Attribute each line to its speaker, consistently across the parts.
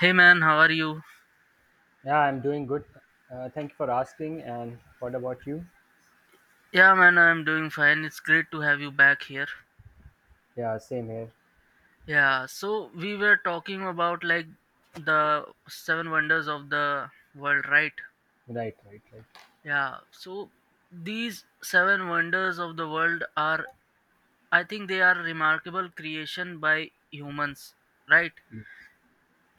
Speaker 1: Hey man, how are you?
Speaker 2: Yeah, I'm doing good. Thank you for asking. And what about you?
Speaker 1: Yeah man, I'm doing fine. It's great to have you back here.
Speaker 2: Yeah, same here.
Speaker 1: Yeah, so we were talking about the seven wonders of the world, right?
Speaker 2: Right, right, right.
Speaker 1: Yeah, so these seven wonders of the world are I think they are remarkable creation by humans, right?
Speaker 2: Yes.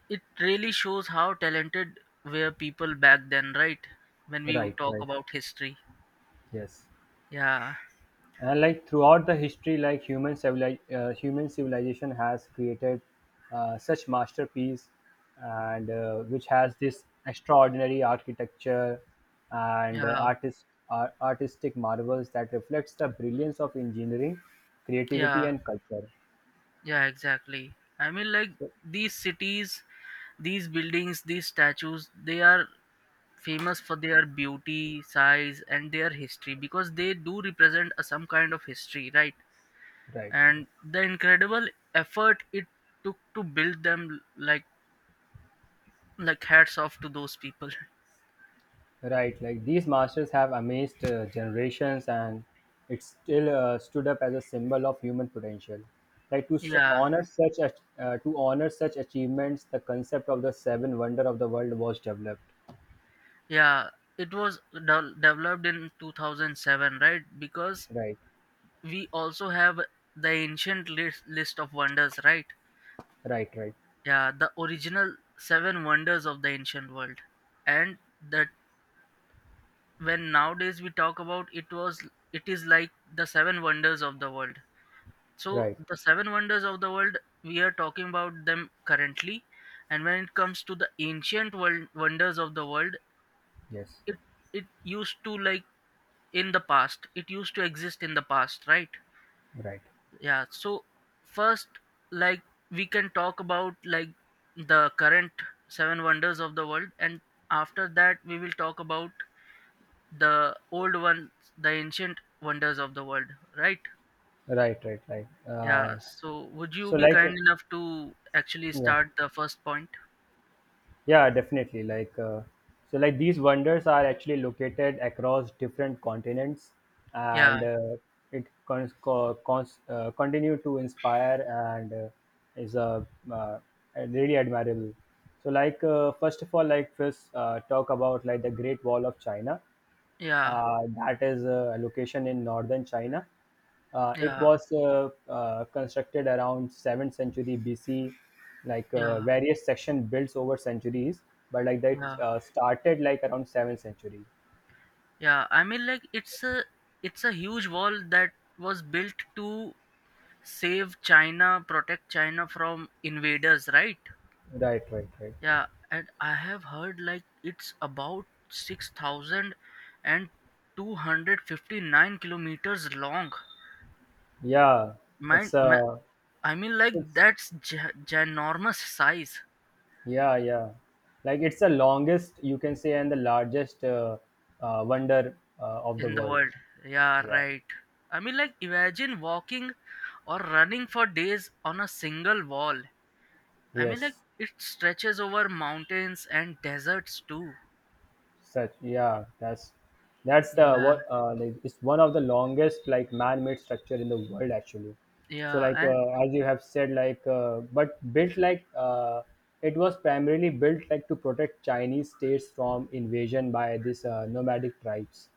Speaker 1: It really shows how talented were people back then, right? When we
Speaker 2: Right,
Speaker 1: talk
Speaker 2: right.
Speaker 1: about history.
Speaker 2: Yes.
Speaker 1: Yeah.
Speaker 2: And like throughout the history, like human civilization has created such masterpiece, and which has this extraordinary architecture and
Speaker 1: Yeah.
Speaker 2: artistic marvels that reflects the brilliance of engineering, creativity,
Speaker 1: Yeah.
Speaker 2: and culture.
Speaker 1: Yeah, exactly. I mean, like
Speaker 2: So,
Speaker 1: these cities, these buildings, these statues, they are famous for their beauty, size, and their history because they do represent a, some kind of history, right?
Speaker 2: right.
Speaker 1: And the incredible effort it took to build them, like hats off to those people.
Speaker 2: Right, like these masters have amazed generations and it still stood up as a symbol of human potential. Like
Speaker 1: Yeah,
Speaker 2: to honor such achievements, the concept of the seven wonder of the world was developed.
Speaker 1: yeah. Developed in 2007, right? Because
Speaker 2: Right,
Speaker 1: we also have the ancient list of wonders, right?
Speaker 2: right, right,
Speaker 1: Yeah, the original seven wonders of the ancient world, and that when nowadays we talk about it is like the seven wonders of the world. So
Speaker 2: right.
Speaker 1: the seven wonders of the world we are talking about them currently, and when it comes to the ancient world wonders of the world,
Speaker 2: Yes,
Speaker 1: it it used to in the past it used to exist in the past, right?
Speaker 2: right,
Speaker 1: Yeah, so first, like we can talk about like the current seven wonders of the world, and after that we will talk about the old ones, the ancient wonders of the world, right?
Speaker 2: right, right, right.
Speaker 1: Yeah, so would you
Speaker 2: So
Speaker 1: be
Speaker 2: like,
Speaker 1: kind enough to actually
Speaker 2: yeah,
Speaker 1: start the first point?
Speaker 2: yeah, definitely. Like, so like these wonders are actually located across different continents,
Speaker 1: Yeah,
Speaker 2: and it continue to inspire and is a uh, really admirable. So, like, first of all, like first talk about like the Great Wall of China,
Speaker 1: yeah,
Speaker 2: that is a location in northern China. It
Speaker 1: yeah,
Speaker 2: was constructed around 7th century BC, like
Speaker 1: yeah,
Speaker 2: various section built over centuries, but like that
Speaker 1: yeah,
Speaker 2: started like around 7th century.
Speaker 1: yeah. I mean, like it's a huge wall that was built to save China, protect China from invaders, right?
Speaker 2: Right, right, right.
Speaker 1: Yeah, and I have heard like it's about 6,259 kilometers long.
Speaker 2: Yeah,
Speaker 1: Man,
Speaker 2: it's
Speaker 1: ma
Speaker 2: uh,
Speaker 1: I mean, like
Speaker 2: it's
Speaker 1: that's gi ginormous size
Speaker 2: yeah, yeah. Like it's the longest you can say and the largest wonder of the
Speaker 1: in the
Speaker 2: world.
Speaker 1: world. Yeah,
Speaker 2: Yeah.
Speaker 1: right. I mean, like imagine walking or running for days on a single wall. I mean, like
Speaker 2: Yes.
Speaker 1: it stretches over mountains and deserts too.
Speaker 2: Such Yeah, that's the
Speaker 1: Yeah,
Speaker 2: what like it's one of the longest like man-made structure in the world actually. So
Speaker 1: yeah,
Speaker 2: like
Speaker 1: and
Speaker 2: as you have said like but built like it was primarily built like to protect Chinese states from invasion by these nomadic tribes.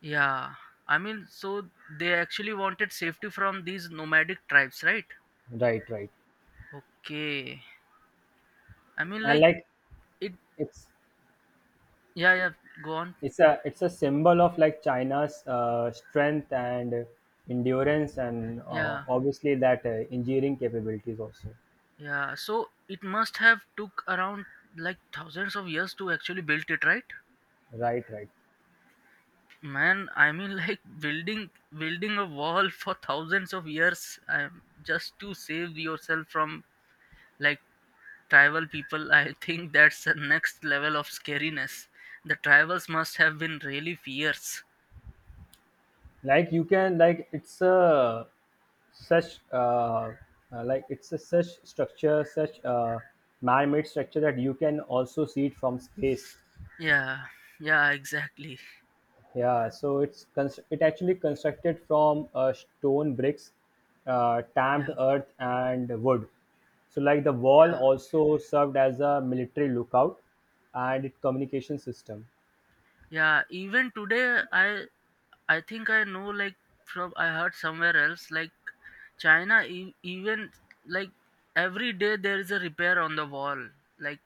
Speaker 1: yeah, I mean, so they actually wanted safety from these nomadic tribes, right?
Speaker 2: Right, right.
Speaker 1: Okay. I mean,
Speaker 2: And
Speaker 1: like
Speaker 2: like
Speaker 1: it.
Speaker 2: it's
Speaker 1: Yeah, yeah. Go on.
Speaker 2: it's a symbol of like China's strength and endurance and
Speaker 1: Yeah,
Speaker 2: obviously that engineering capabilities also.
Speaker 1: yeah. So it must have took around like thousands of years to actually build it, right?
Speaker 2: Right, right.
Speaker 1: Man, I mean, like building a wall for thousands of years, just to save yourself from like tribal people. I think that's the next level of scariness. The tribals must have been really fierce.
Speaker 2: like you can like it's a such uh, like it's a such structure such man-made structure that you can also see it from space.
Speaker 1: Yeah, yeah, exactly.
Speaker 2: Yeah, so it actually constructed from stone bricks,
Speaker 1: Yeah,
Speaker 2: tamped earth and wood. So like the wall
Speaker 1: yeah,
Speaker 2: also served as a military lookout and it communication system.
Speaker 1: yeah. Even today, I think I know like from I heard somewhere else like China e- even like every day there is a repair on the wall. Like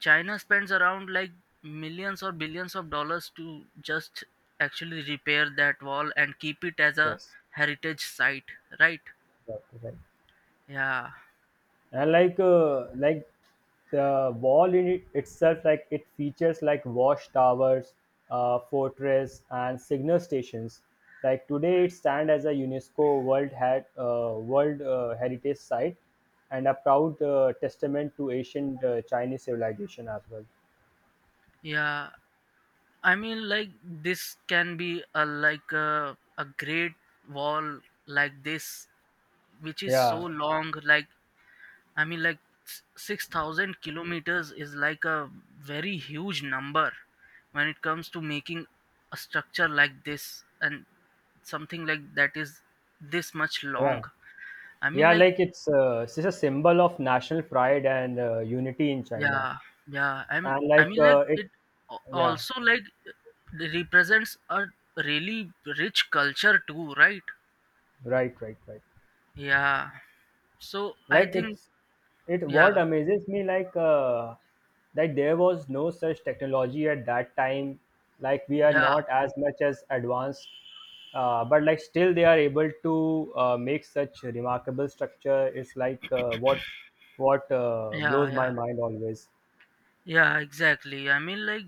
Speaker 1: China spends around like millions or billions of dollars to just actually repair that wall and keep it as a
Speaker 2: Yes,
Speaker 1: heritage site, right?
Speaker 2: right, right.
Speaker 1: Yeah,
Speaker 2: And like the wall in it itself like it features like watch towers, fortress and signal stations. Like today it stands as a UNESCO world heritage site and a proud testament to ancient Chinese civilization as well.
Speaker 1: yeah. I mean, like this can be a like a great wall like this, which is so
Speaker 2: Yeah,
Speaker 1: long. I mean, like 6,000 kilometers is like a very huge number when it comes to making a structure like this and something like that is this much
Speaker 2: yeah,
Speaker 1: long. I mean,
Speaker 2: yeah,
Speaker 1: like
Speaker 2: like it's just a symbol of national pride and unity in China.
Speaker 1: yeah, yeah.
Speaker 2: And
Speaker 1: I
Speaker 2: like
Speaker 1: mean, like
Speaker 2: it
Speaker 1: it al-
Speaker 2: Yeah,
Speaker 1: also like represents a really rich culture too, right?
Speaker 2: right, right, right.
Speaker 1: Yeah. So I
Speaker 2: Like,
Speaker 1: think
Speaker 2: it's it what
Speaker 1: yeah,
Speaker 2: amazes me, that there was no such technology at that time. Like we are
Speaker 1: yeah,
Speaker 2: not as much as advanced, but like still they are able to make such remarkable structure. It's like, what
Speaker 1: yeah,
Speaker 2: blows my
Speaker 1: yeah.
Speaker 2: mind always.
Speaker 1: Yeah, exactly. I mean like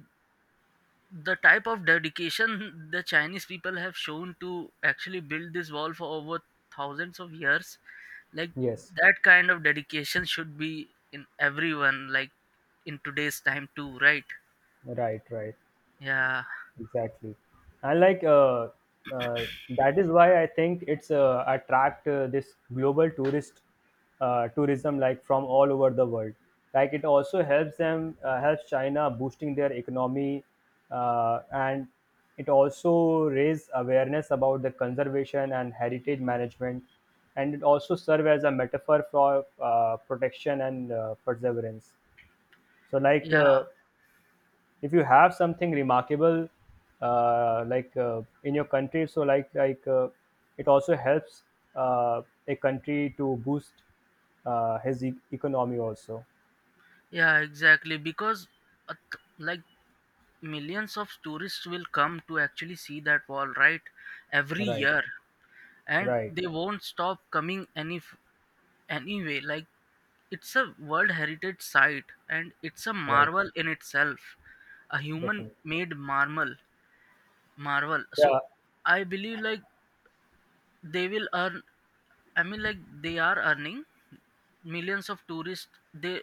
Speaker 1: the type of dedication the Chinese people have shown to actually build this wall for over thousands of years, like
Speaker 2: Yes,
Speaker 1: that kind of dedication should be in everyone like in today's time too, right?
Speaker 2: right, right.
Speaker 1: Yeah.
Speaker 2: Exactly. And like that is why I think it's attract this global tourist, tourism like from all over the world. Like it also helps them, helps China boosting their economy, and it also raise awareness about the conservation and heritage management, and it also serve as a metaphor for protection and perseverance. So like,
Speaker 1: Yeah.
Speaker 2: if you have something remarkable, like in your country, so like it also helps a country to boost his economy also.
Speaker 1: Yeah, exactly because like millions of tourists will come to actually see that wall, right? Every
Speaker 2: Right,
Speaker 1: year. And
Speaker 2: right,
Speaker 1: they won't stop coming anyway, like it's a world heritage site and it's a
Speaker 2: right.
Speaker 1: marvel in itself, a human
Speaker 2: Definitely.
Speaker 1: made marble marvel, so
Speaker 2: Yeah,
Speaker 1: I believe like they will earn I mean like they are earning millions of tourists. They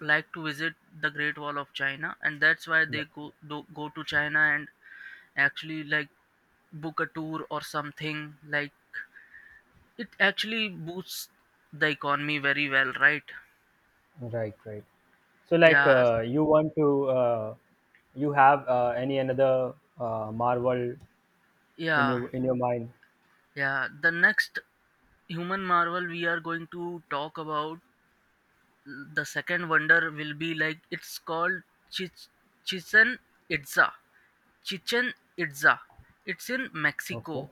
Speaker 1: like to visit the Great Wall of China, and that's why
Speaker 2: yeah.
Speaker 1: they go to China and actually like book a tour or something. Like it actually boosts the economy very well, right?
Speaker 2: Right, right. So like,
Speaker 1: Yeah,
Speaker 2: you want to, uh, you have any another marvel
Speaker 1: yeah,
Speaker 2: in your mind?
Speaker 1: yeah. The next human marvel we are going to talk about, the second wonder, will be like it's called Chich- Chichen Itza. Chichen Itza. It's in
Speaker 2: Okay.
Speaker 1: Mexico.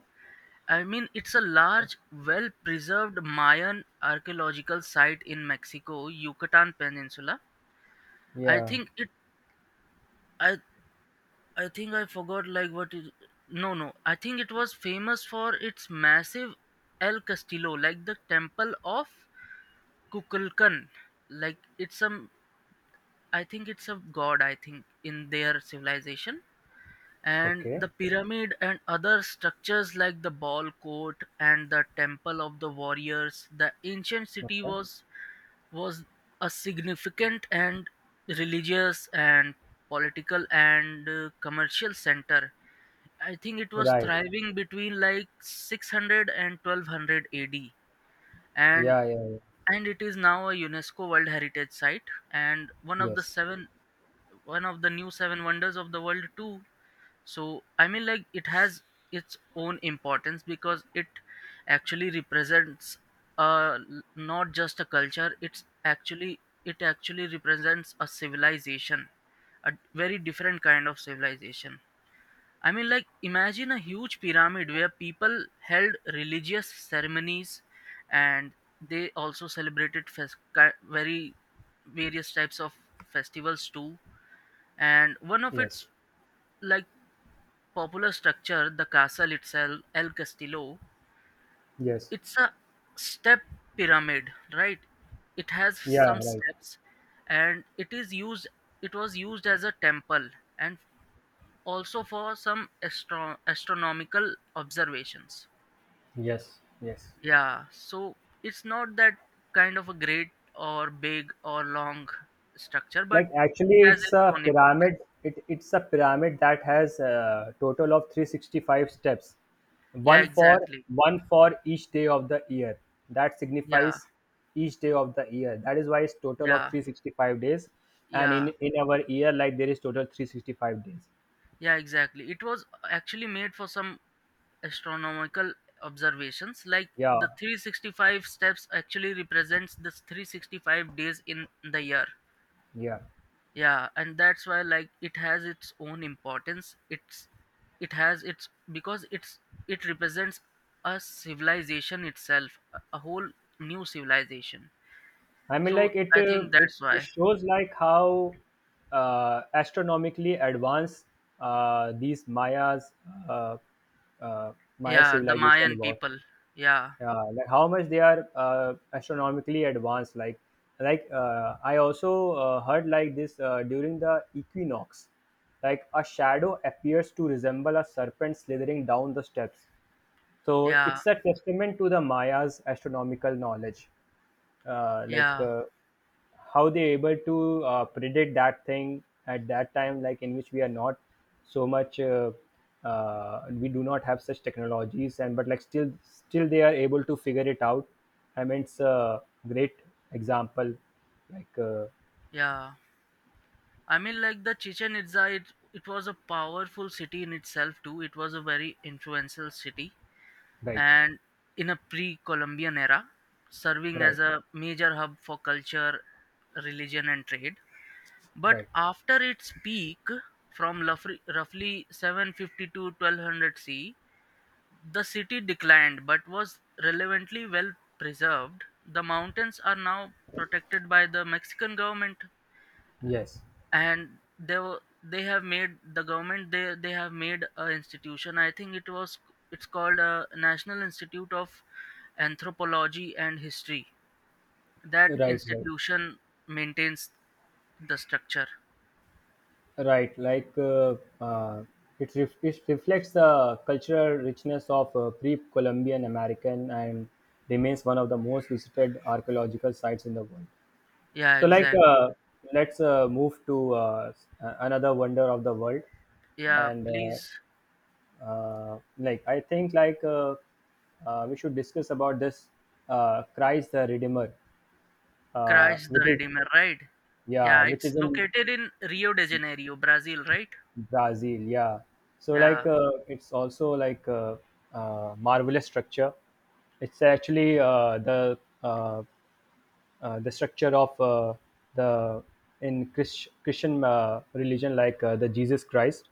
Speaker 1: I mean, it's a large, well preserved Mayan archaeological site in Mexico, Yucatan Peninsula. I
Speaker 2: Yeah.
Speaker 1: think it. I, I think I forgot like what is no no. I think it was famous for its massive El Castillo, like the temple of Kukulkan. Like it's some I think it's a god, I think, in their civilization. And
Speaker 2: Okay,
Speaker 1: the pyramid and other structures like the ball court and the temple of the warriors, the ancient city
Speaker 2: okay,
Speaker 1: was a significant and religious and political and commercial center. I think it was
Speaker 2: right.
Speaker 1: thriving between like 600 and 1200 AD, and
Speaker 2: Yeah, yeah, yeah.
Speaker 1: it is now a UNESCO World Heritage Site and one of the
Speaker 2: Yes,
Speaker 1: seven, one of the new seven wonders of the world too. So I mean like it has its own importance because it actually represents not just a culture, it's actually it actually represents a civilization, a very different kind of civilization. I mean, like, imagine a huge pyramid where people held religious ceremonies and they also celebrated very various types of festivals too. And one of
Speaker 2: yes.
Speaker 1: its like popular structure, the castle itself, El Castillo,
Speaker 2: Yes.
Speaker 1: it's a step pyramid, right? It has
Speaker 2: Yeah,
Speaker 1: some
Speaker 2: right.
Speaker 1: steps, and it was used as a temple and also for some astronomical observations.
Speaker 2: Yes. Yes.
Speaker 1: Yeah, so it's not that kind of a great or big or long structure, but
Speaker 2: Like
Speaker 1: it
Speaker 2: actually
Speaker 1: has
Speaker 2: it's
Speaker 1: its
Speaker 2: a
Speaker 1: own
Speaker 2: pyramid.
Speaker 1: importance.
Speaker 2: It's a pyramid that has a total of 365 steps.
Speaker 1: Yeah,
Speaker 2: One for
Speaker 1: exactly.
Speaker 2: One for each day of the year. That
Speaker 1: Yeah,
Speaker 2: signifies each day of the year. That is why it's total of
Speaker 1: yeah,
Speaker 2: 365 days. And in
Speaker 1: yeah,
Speaker 2: in our year like there is total 365 days.
Speaker 1: yeah, exactly. It was actually made for some astronomical observations, like
Speaker 2: Yeah.
Speaker 1: the 365 steps actually represents the 365 days in the year.
Speaker 2: Yeah.
Speaker 1: Yeah, and that's why like it has its own importance. It's it has its because it's It represents a civilization itself, a whole new civilization,
Speaker 2: I mean,
Speaker 1: so
Speaker 2: like
Speaker 1: I think that's why
Speaker 2: it shows like how astronomically advanced these Mayas, uh, uh, Maya
Speaker 1: yeah, the
Speaker 2: civilization
Speaker 1: Mayan
Speaker 2: was.
Speaker 1: people. Yeah,
Speaker 2: Yeah, like how much they are astronomically advanced. Like I also heard like this, during the equinox, like a shadow appears to resemble a serpent slithering down the steps. So
Speaker 1: yeah,
Speaker 2: it's a testament to the Maya's astronomical knowledge, like
Speaker 1: yeah,
Speaker 2: how they able to predict that thing at that time, like in which we are not so much, we do not have such technologies, and but like still they are able to figure it out. I mean, it's a great example, like,
Speaker 1: yeah, I mean like the Chichen Itza, it was a powerful city in itself too. It was a very influential city
Speaker 2: right,
Speaker 1: and in a pre-Columbian era, serving as
Speaker 2: right,
Speaker 1: a major hub for culture, religion, and trade. But
Speaker 2: right,
Speaker 1: after its peak, from roughly 750 to 1200 C, the city declined but was relevantly well preserved. The mountains are now protected by the Mexican government,
Speaker 2: yes,
Speaker 1: and they have made the government, they have made a institution. I think it was it's called a National Institute of Anthropology and History. That
Speaker 2: right, right.
Speaker 1: institution maintains the structure.
Speaker 2: Right, like it reflects the cultural richness of pre-Columbian American and remains one of the most visited archaeological sites in the world.
Speaker 1: Yeah,
Speaker 2: So, like,
Speaker 1: exactly.
Speaker 2: let's move to another wonder of the world,
Speaker 1: Yeah,
Speaker 2: and
Speaker 1: please.
Speaker 2: like I think like we should discuss about this Christ the Redeemer,
Speaker 1: Christ the
Speaker 2: which is
Speaker 1: Redeemer, right?
Speaker 2: yeah,
Speaker 1: Yeah,
Speaker 2: which
Speaker 1: it's
Speaker 2: is in
Speaker 1: located in Rio de Janeiro, Brazil, right?
Speaker 2: Brazil. Yeah. So
Speaker 1: Yeah,
Speaker 2: like it's also like a, marvelous structure. It's actually the structure of the Christian religion, like the Jesus Christ.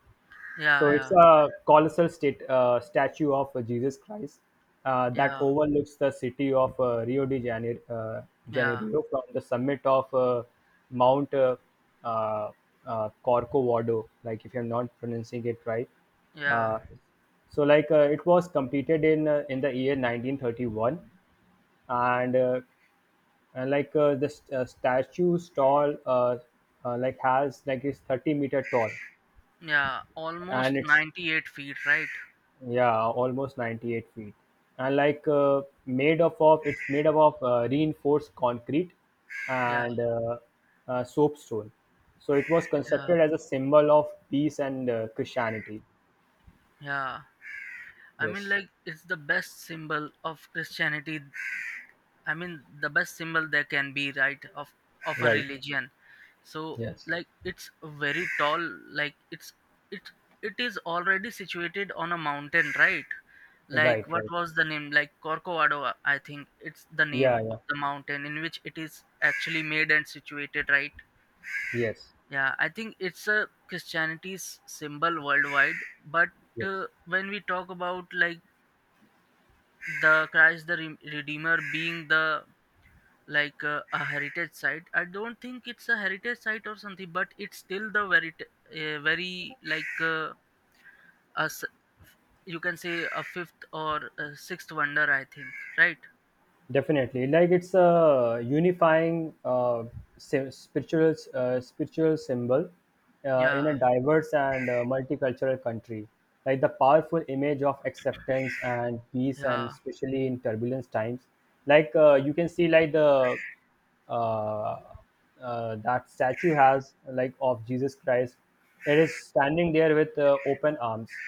Speaker 1: yeah,
Speaker 2: So it's
Speaker 1: yeah,
Speaker 2: a colossal state, statue of Jesus Christ that
Speaker 1: yeah,
Speaker 2: overlooks the city of Rio de Janeiro,
Speaker 1: yeah,
Speaker 2: From the summit of Mount uh, Corcovado, like if I'm not pronouncing it right.
Speaker 1: yeah,
Speaker 2: Uh, so like it was completed in the year 1931 and, uh, and like the statue tall like has is 30-meter tall
Speaker 1: yeah, almost
Speaker 2: and it's
Speaker 1: 98 feet right.
Speaker 2: yeah, almost 98 feet and like made up of it's made up of reinforced concrete
Speaker 1: Yeah,
Speaker 2: and soapstone. So it was
Speaker 1: yeah.
Speaker 2: constructed as a symbol of peace and Christianity.
Speaker 1: Yeah, I mean,
Speaker 2: Yes.
Speaker 1: like, it's the best symbol of Christianity. I mean, the best symbol there can be, right, of a
Speaker 2: Right.
Speaker 1: religion. So,
Speaker 2: Yes.
Speaker 1: like, it's very tall. Like, it it is already situated on a mountain, right?
Speaker 2: Right,
Speaker 1: Like, what
Speaker 2: right.
Speaker 1: was the name? Like Corcovado, I think it's the
Speaker 2: Yeah,
Speaker 1: name
Speaker 2: yeah.
Speaker 1: of the mountain in which it is actually made and situated, right?
Speaker 2: Yes,
Speaker 1: Yeah, I think it's a Christianity's symbol worldwide. But
Speaker 2: yes.
Speaker 1: when we talk about like the Christ the Redeemer being the a heritage site. I don't think it's a heritage site or something, but it's still the very t- very like a s you can say a fifth or a sixth wonder, I think, right.
Speaker 2: Definitely, like it's a unifying si- spiritual spiritual symbol in
Speaker 1: Yeah,
Speaker 2: a diverse and multicultural country. Like the powerful image of acceptance and peace, and
Speaker 1: yeah,
Speaker 2: especially in turbulence times, like you can see like the uh, that statue has like of Jesus Christ, it is standing there with open arms.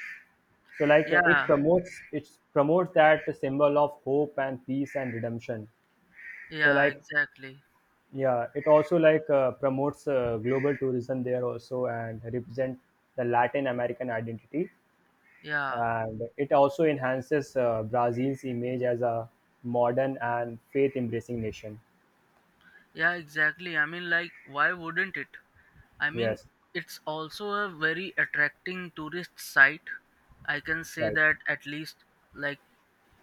Speaker 2: So like it
Speaker 1: yeah,
Speaker 2: promotes, it promotes that symbol of hope and peace and redemption. So
Speaker 1: yeah.
Speaker 2: like
Speaker 1: Exactly.
Speaker 2: yeah, it also like promotes global tourism there also and represent the Latin American identity,
Speaker 1: Yeah,
Speaker 2: and it also enhances Brazil's image as a modern and faith embracing nation.
Speaker 1: yeah. Exactly. I mean, like, why wouldn't it? I mean,
Speaker 2: Yes.
Speaker 1: it's also a very attracting tourist site. I can say
Speaker 2: Right.
Speaker 1: that at least, like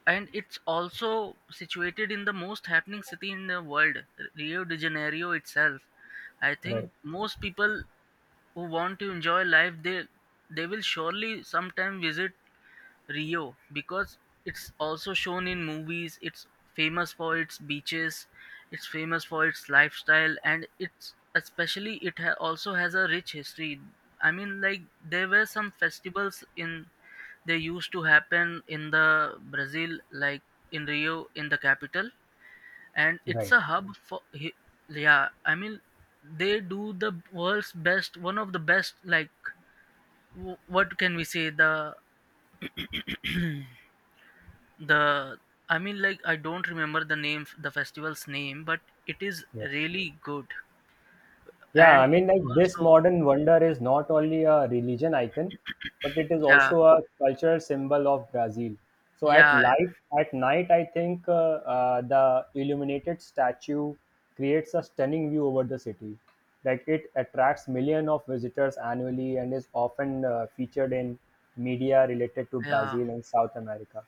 Speaker 1: and it's also situated in the most happening city in the world, Rio de Janeiro itself. I think
Speaker 2: Right,
Speaker 1: most people who want to enjoy life, they will surely sometime visit Rio because it's also shown in movies. It's famous for its beaches, it's famous for its lifestyle, and it's especially it also has a rich history. I mean like there were some festivals in they used to happen in the Brazil, like in Rio, in the capital, and it's
Speaker 2: right.
Speaker 1: a hub for yeah. I mean, they do the world's best, one of the best. Like, what can we say? The I mean, like I don't remember the name, the festival's name, but it is
Speaker 2: Yes.
Speaker 1: really good,
Speaker 2: Yeah,
Speaker 1: and
Speaker 2: I
Speaker 1: it
Speaker 2: mean, like this
Speaker 1: also
Speaker 2: modern wonder is not only a religion icon, but it is
Speaker 1: yeah,
Speaker 2: also a cultural symbol of Brazil. So at
Speaker 1: yeah,
Speaker 2: light, at night, I think the illuminated statue creates a stunning view over the city. Like it attracts millions of visitors annually and is often featured in media related to
Speaker 1: yeah,
Speaker 2: Brazil and South America.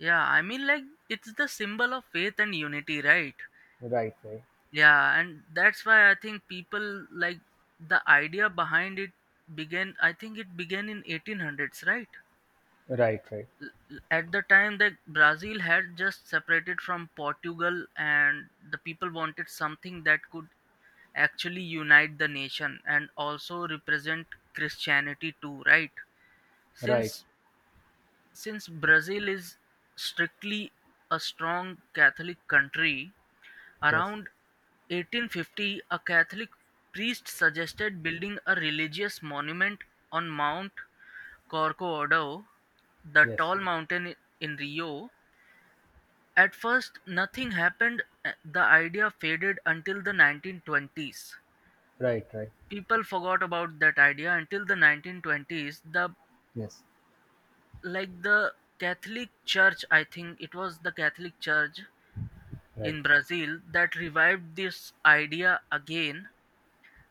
Speaker 1: yeah. I mean, like it's the symbol of faith and unity, right?
Speaker 2: Right, right,
Speaker 1: Yeah, and that's why I think people like the idea behind it. Began in 1800s, right?
Speaker 2: right, right,
Speaker 1: L- at the time that Brazil had just separated from Portugal, and the people wanted something that could actually unite the nation and also represent Christianity too, right?
Speaker 2: right.
Speaker 1: Since since Brazil is strictly a strong Catholic country.
Speaker 2: Yes,
Speaker 1: Around 1850 a Catholic priest suggested building a religious monument on Mount Corcovado, the
Speaker 2: yes,
Speaker 1: tall mountain in Rio. At first nothing happened, the idea faded until the 1920s.
Speaker 2: right, right,
Speaker 1: People forgot about that idea until the 1920s. The
Speaker 2: yes,
Speaker 1: like the Catholic Church, I think it was the Catholic Church
Speaker 2: right,
Speaker 1: in Brazil that revived this idea again.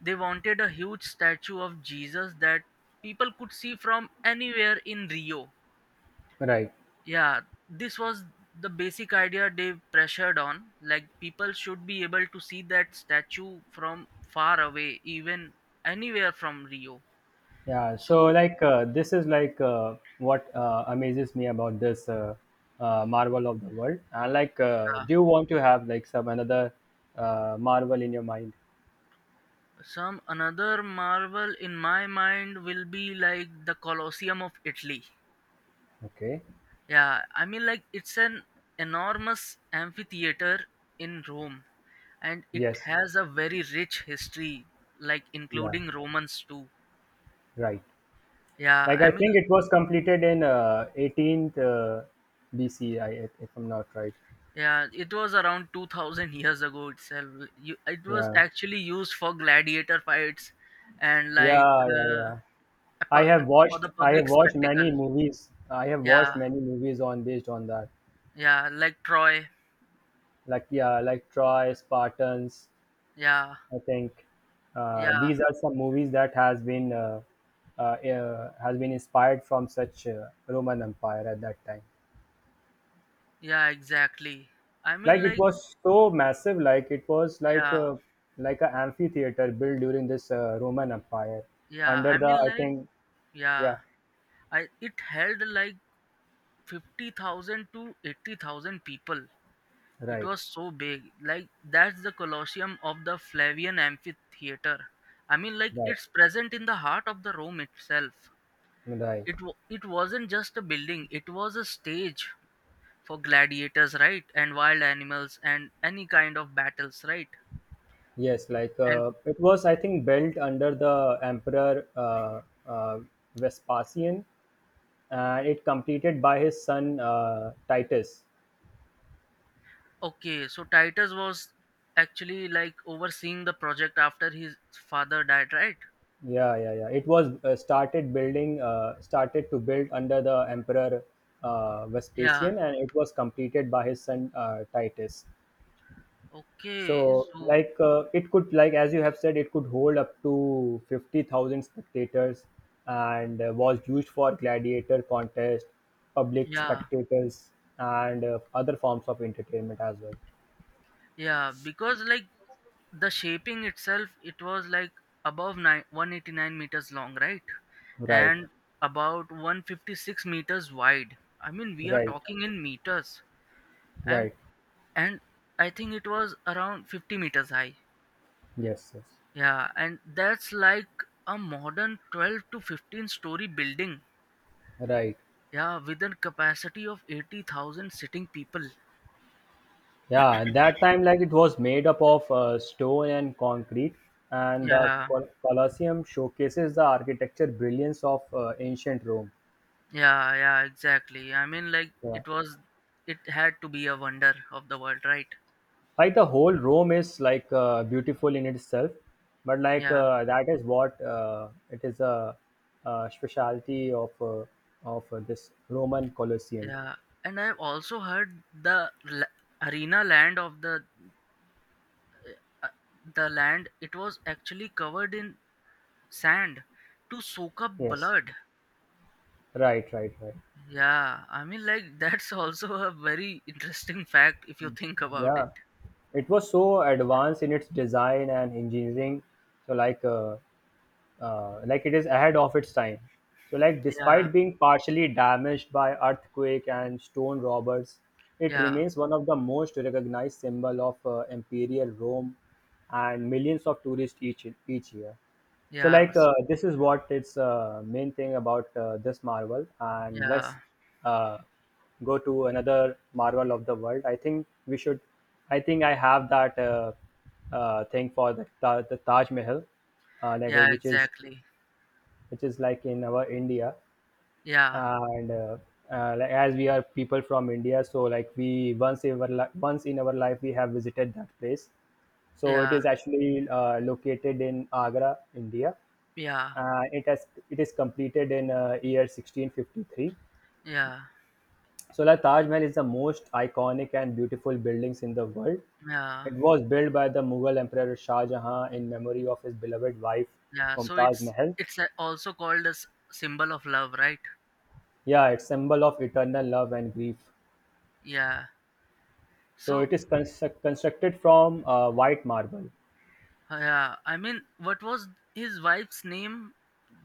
Speaker 1: They wanted a huge statue of Jesus that people could see from anywhere in Rio.
Speaker 2: right.
Speaker 1: Yeah, this was the basic idea they pressured on. Like, people should be able to see that statue from far away, even anywhere from Rio.
Speaker 2: Yeah, so
Speaker 1: So,
Speaker 2: like this is like what amazes me about this marvel of the world. And like, do
Speaker 1: yeah,
Speaker 2: you want to have like some another marvel in your mind?
Speaker 1: some another marvel in my mind will be like the Colosseum of Italy.
Speaker 2: Okay.
Speaker 1: Yeah, I mean, like, it's an enormous amphitheater in Rome, and it
Speaker 2: Yes.
Speaker 1: has a very rich history, like,
Speaker 2: Yeah.
Speaker 1: including Romans too.
Speaker 2: Right.
Speaker 1: Yeah,
Speaker 2: Like
Speaker 1: I
Speaker 2: I
Speaker 1: mean,
Speaker 2: think it was completed in 18th BC, I, if I'm not right.
Speaker 1: yeah, it was around 2000 years ago itself. You, it was
Speaker 2: Yeah.
Speaker 1: actually used for gladiator fights and, like,
Speaker 2: Yeah. Yeah.
Speaker 1: uh,
Speaker 2: Yeah.
Speaker 1: a pu- for the public spectacle.
Speaker 2: I have watched
Speaker 1: Yeah,
Speaker 2: many movies on based on that.
Speaker 1: yeah, like Troy.
Speaker 2: Like yeah, like Troy, Spartans.
Speaker 1: Yeah,
Speaker 2: I think
Speaker 1: yeah,
Speaker 2: these are some movies that has been inspired from such Roman Empire at that time.
Speaker 1: yeah, exactly. I mean,
Speaker 2: Like it
Speaker 1: like,
Speaker 2: was so massive, like it was
Speaker 1: yeah,
Speaker 2: like an amphitheater built during this Roman Empire
Speaker 1: yeah,
Speaker 2: under
Speaker 1: I
Speaker 2: the
Speaker 1: mean,
Speaker 2: I
Speaker 1: like,
Speaker 2: think.
Speaker 1: yeah.
Speaker 2: Yeah,
Speaker 1: I it held like 50,000 to 80,000 people. It
Speaker 2: right,
Speaker 1: was so big. Like that's the Colosseum of the Flavian amphitheater. I mean, like
Speaker 2: right,
Speaker 1: it's present in the heart of the Rome itself.
Speaker 2: right.
Speaker 1: It wasn't just a building, it was a stage for gladiators, right? And wild animals and any kind of battles, right?
Speaker 2: Yes, like
Speaker 1: And
Speaker 2: it was, I think, built under the Emperor Vespasian, and it completed by his son, Titus.
Speaker 1: okay, so Titus was actually like overseeing the project after his father died, right?
Speaker 2: Yeah, yeah, yeah, it was started to build under the Emperor
Speaker 1: Yeah.
Speaker 2: Vespasian, and it was completed by his son, Titus.
Speaker 1: Okay.
Speaker 2: So
Speaker 1: So
Speaker 2: like it could like as you have said, it could hold up to 50,000 spectators and was used for gladiator contest, public
Speaker 1: yeah,
Speaker 2: spectacles, and other forms of entertainment as well.
Speaker 1: yeah, because like the shaping itself it was like 189 meters long, right?
Speaker 2: Right,
Speaker 1: And about 156 meters wide, I mean we are
Speaker 2: right,
Speaker 1: talking in meters. and
Speaker 2: right.
Speaker 1: and I think it was around 50 meters high.
Speaker 2: Yes, yes,
Speaker 1: Yeah, and that's like a modern 12 to 15 story building,
Speaker 2: right.
Speaker 1: yeah, with a capacity of 80,000 sitting people.
Speaker 2: Yeah, at that time, like it was made up of stone and concrete, and the
Speaker 1: Yeah,
Speaker 2: Colosseum showcases the architecture brilliance of ancient Rome.
Speaker 1: yeah, yeah, exactly. I mean, like
Speaker 2: Yeah.
Speaker 1: it was, it had to be a wonder of the world, right?
Speaker 2: Like the whole Rome is like beautiful in itself, but like
Speaker 1: Yeah,
Speaker 2: that is what it is a specialty of this Roman Colosseum.
Speaker 1: yeah. And I've also heard the l- arena land of uh, the land. It was actually covered in sand to soak up
Speaker 2: Yes,
Speaker 1: blood.
Speaker 2: right, right, right.
Speaker 1: Yeah, I mean, like that's also a very interesting fact if you think about it.
Speaker 2: Yeah, it was so advanced in its design and engineering. So like. Like it is ahead of its time. So, like
Speaker 1: Yeah,
Speaker 2: despite being partially damaged by earthquake and stone robbers, it
Speaker 1: yeah,
Speaker 2: remains one of the most recognized symbol of imperial Rome, and millions of tourists each year. So
Speaker 1: yeah,
Speaker 2: like
Speaker 1: s-
Speaker 2: this is what its main thing about this Marvel, and
Speaker 1: yeah,
Speaker 2: let's uh, go to another Marvel of the world. I think we should. I think I have that thing for the the Taj Mahal, uh, like uh,
Speaker 1: yeah.
Speaker 2: which is
Speaker 1: Exactly.
Speaker 2: which is like in our India,
Speaker 1: Yeah,
Speaker 2: and like as we are people from India, so like we once in our life we have visited that place. So it
Speaker 1: yeah,
Speaker 2: is actually located in Agra, India.
Speaker 1: yeah,
Speaker 2: It has it is completed in year 1653.
Speaker 1: yeah,
Speaker 2: So the Taj Mahal is the most iconic and beautiful buildings in the world.
Speaker 1: yeah.
Speaker 2: It was built by the Mughal Emperor Shah Jahan in memory of his beloved wife
Speaker 1: Yeah, so
Speaker 2: Mumtaz
Speaker 1: it's
Speaker 2: Mahal.
Speaker 1: also called as symbol of love, right?
Speaker 2: Yeah, it's symbol of eternal love and grief.
Speaker 1: Yeah.
Speaker 2: So
Speaker 1: So
Speaker 2: it is constructed from white marble.
Speaker 1: yeah, I mean, what was his wife's name?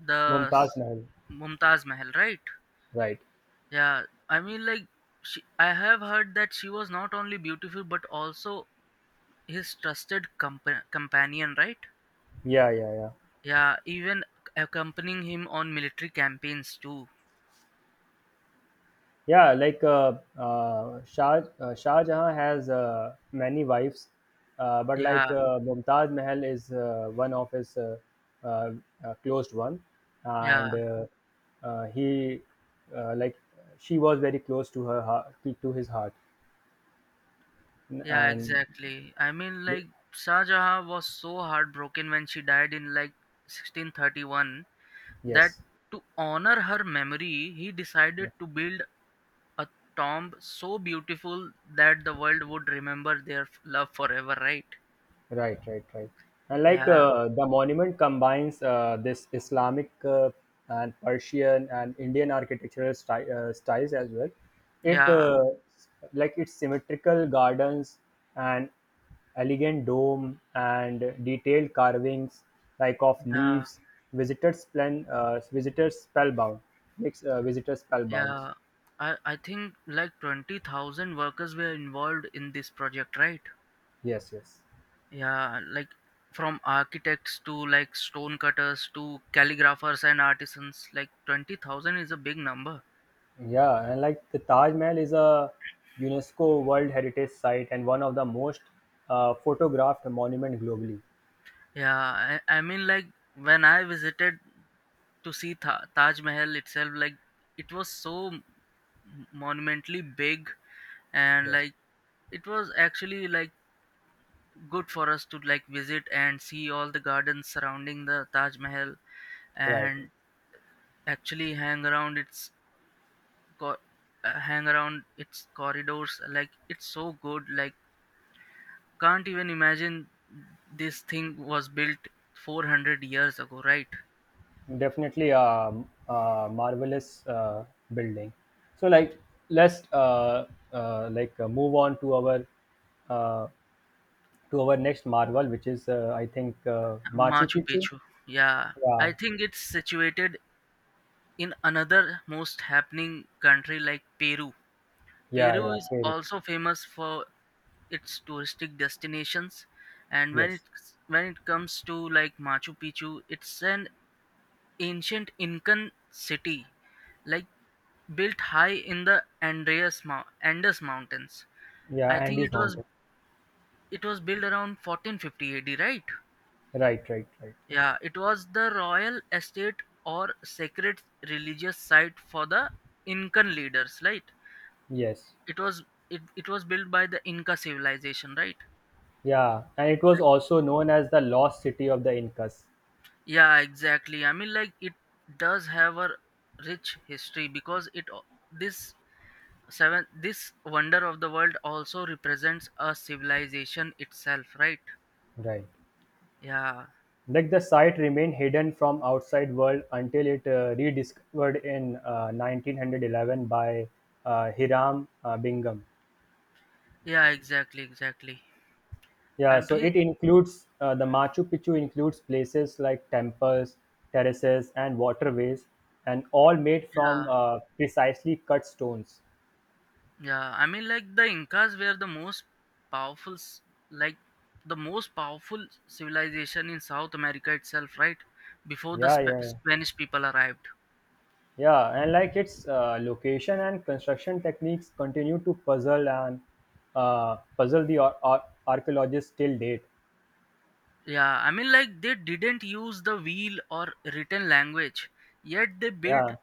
Speaker 1: The
Speaker 2: Mumtaz
Speaker 1: s-
Speaker 2: Mahal.
Speaker 1: Mumtaz Mahal, right?
Speaker 2: Right.
Speaker 1: Yeah. I mean, like she, I have heard that she was not only beautiful but also his trusted companion, right?
Speaker 2: Yeah, yeah, yeah.
Speaker 1: Yeah, even accompanying him on military campaigns too.
Speaker 2: Yeah, like Shah, Shah Jahan has many wives, but like
Speaker 1: Yeah,
Speaker 2: Mumtaz Mahal is one of his uh, closed one, and
Speaker 1: yeah.
Speaker 2: he uh, like she was very close to her heart, to his heart,
Speaker 1: Yeah,
Speaker 2: and
Speaker 1: exactly. I mean, like, Shah Jahan was so heartbroken when she died in like 1631 that
Speaker 2: yes.
Speaker 1: to honor her memory, he decided to build a tomb so beautiful that the world would remember their f- love forever, right?
Speaker 2: Right, right, right. And like
Speaker 1: Yeah,
Speaker 2: the monument combines this Islamic and Persian and Indian architectural styles as well. It
Speaker 1: yeah,
Speaker 2: like its symmetrical gardens and elegant dome and detailed carvings like of
Speaker 1: yeah,
Speaker 2: leaves. Visitors spellbound makes visitors spellbound.
Speaker 1: yeah. I think like 20,000 workers were involved in this project, right?
Speaker 2: Yes, yes.
Speaker 1: Yeah, like from architects to like stone cutters to calligraphers and artisans, like 20,000 is a big number.
Speaker 2: Yeah, and like the Taj Mahal is a UNESCO World Heritage Site and one of the most photographed monument globally.
Speaker 1: Yeah, I mean, like when I visited to see Ta- Taj Mahal itself, like it was so monumentally big and
Speaker 2: Yes,
Speaker 1: like it was actually like good for us to like visit and see all the gardens surrounding the Taj Mahal
Speaker 2: right.
Speaker 1: and actually hang around its co- hang around its corridors, like it's so good, like can't even imagine this thing was built 400 years ago, right?
Speaker 2: Definitely a marvelous building. So like let's move on uh, to our next marvel, which is I think Machu
Speaker 1: Machu
Speaker 2: Picchu.
Speaker 1: Picchu. Yeah. I
Speaker 2: Yeah,
Speaker 1: think it's situated in another most happening country like Peru.
Speaker 2: yeah,
Speaker 1: Peru
Speaker 2: yeah.
Speaker 1: is
Speaker 2: Very.
Speaker 1: also famous for its touristic destinations and
Speaker 2: Yes.
Speaker 1: when it comes to like Machu Picchu, it's an ancient Incan city like built high in the Andes mountains.
Speaker 2: Yeah,
Speaker 1: I think
Speaker 2: Andes
Speaker 1: it was
Speaker 2: Mountain.
Speaker 1: it was built around 1450 AD, right?
Speaker 2: Right, right, right.
Speaker 1: Yeah, it was the royal estate or sacred religious site for the Incan leaders, right?
Speaker 2: Yes.
Speaker 1: It was it was built by the Inca civilization, right?
Speaker 2: Yeah, and it was
Speaker 1: I-
Speaker 2: also known as the lost city of the Incas.
Speaker 1: yeah, exactly. I mean, like it does have a rich history because it al- this seven this wonder of the world also represents a civilization itself, right?
Speaker 2: Right.
Speaker 1: Yeah,
Speaker 2: Like the site remained hidden from outside world until it rediscovered in 1911 by Hiram Bingham.
Speaker 1: yeah, exactly, exactly.
Speaker 2: Yeah,
Speaker 1: I'm
Speaker 2: so
Speaker 1: fe-
Speaker 2: it includes the Machu Picchu includes places like temples, terraces, and waterways, and all made
Speaker 1: yeah.
Speaker 2: from precisely cut stones.
Speaker 1: Yeah, I mean, like the Incas were the most powerful, s- like the most powerful civilization in South America itself, right? Before the
Speaker 2: Yeah, yeah, yeah.
Speaker 1: Spanish people arrived.
Speaker 2: Yeah, and like its location and construction techniques continue to puzzle the archaeologists till date.
Speaker 1: Yeah, I mean, like they didn't use the wheel or written language, yet they built
Speaker 2: Yeah,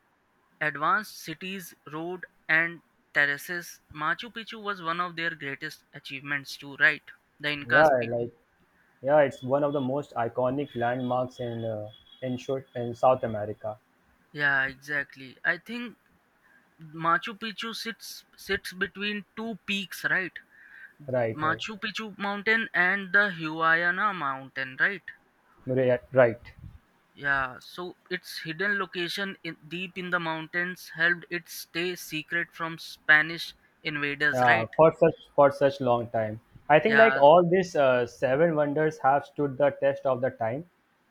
Speaker 1: advanced cities, road, and terraces. Machu Picchu was one of their greatest achievements, too, right? The
Speaker 2: yeah,
Speaker 1: Incas people.
Speaker 2: like yeah, it's one of the most iconic landmarks in, short, in South America.
Speaker 1: Yeah, exactly. I think Machu Picchu sits between two peaks, right? Right.
Speaker 2: Right, right,
Speaker 1: Machu Picchu mountain and the Huayana mountain, right?
Speaker 2: right, right.
Speaker 1: Yeah, so its hidden location in, deep in the mountains helped it stay secret from Spanish invaders,
Speaker 2: Yeah,
Speaker 1: right?
Speaker 2: for such long time. I think like
Speaker 1: Yeah,
Speaker 2: all these seven wonders have stood the test of the time,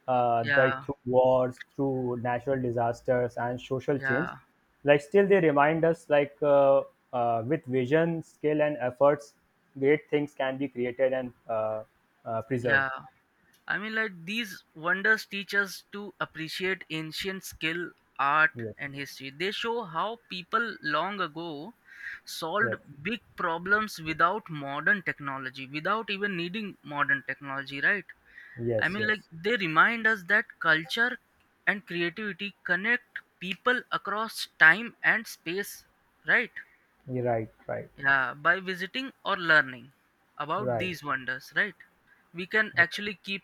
Speaker 2: like
Speaker 1: yeah,
Speaker 2: through wars, through natural disasters and social change.
Speaker 1: yeah,
Speaker 2: Like still they remind us like with vision, skill and efforts, great things can be created and preserved.
Speaker 1: yeah. I mean, like these wonders teach us to appreciate ancient skill, art,
Speaker 2: Yes,
Speaker 1: and history. They show how people long ago solved
Speaker 2: yes,
Speaker 1: big problems without modern technology, without even needing modern technology, right? I
Speaker 2: yes,
Speaker 1: mean, yeah, like
Speaker 2: yes.
Speaker 1: they remind us that culture and creativity connect people across time and space, right?
Speaker 2: You're right, right,
Speaker 1: Yeah, by visiting or learning about
Speaker 2: right.
Speaker 1: these wonders, right? We can actually
Speaker 2: Okay.
Speaker 1: keep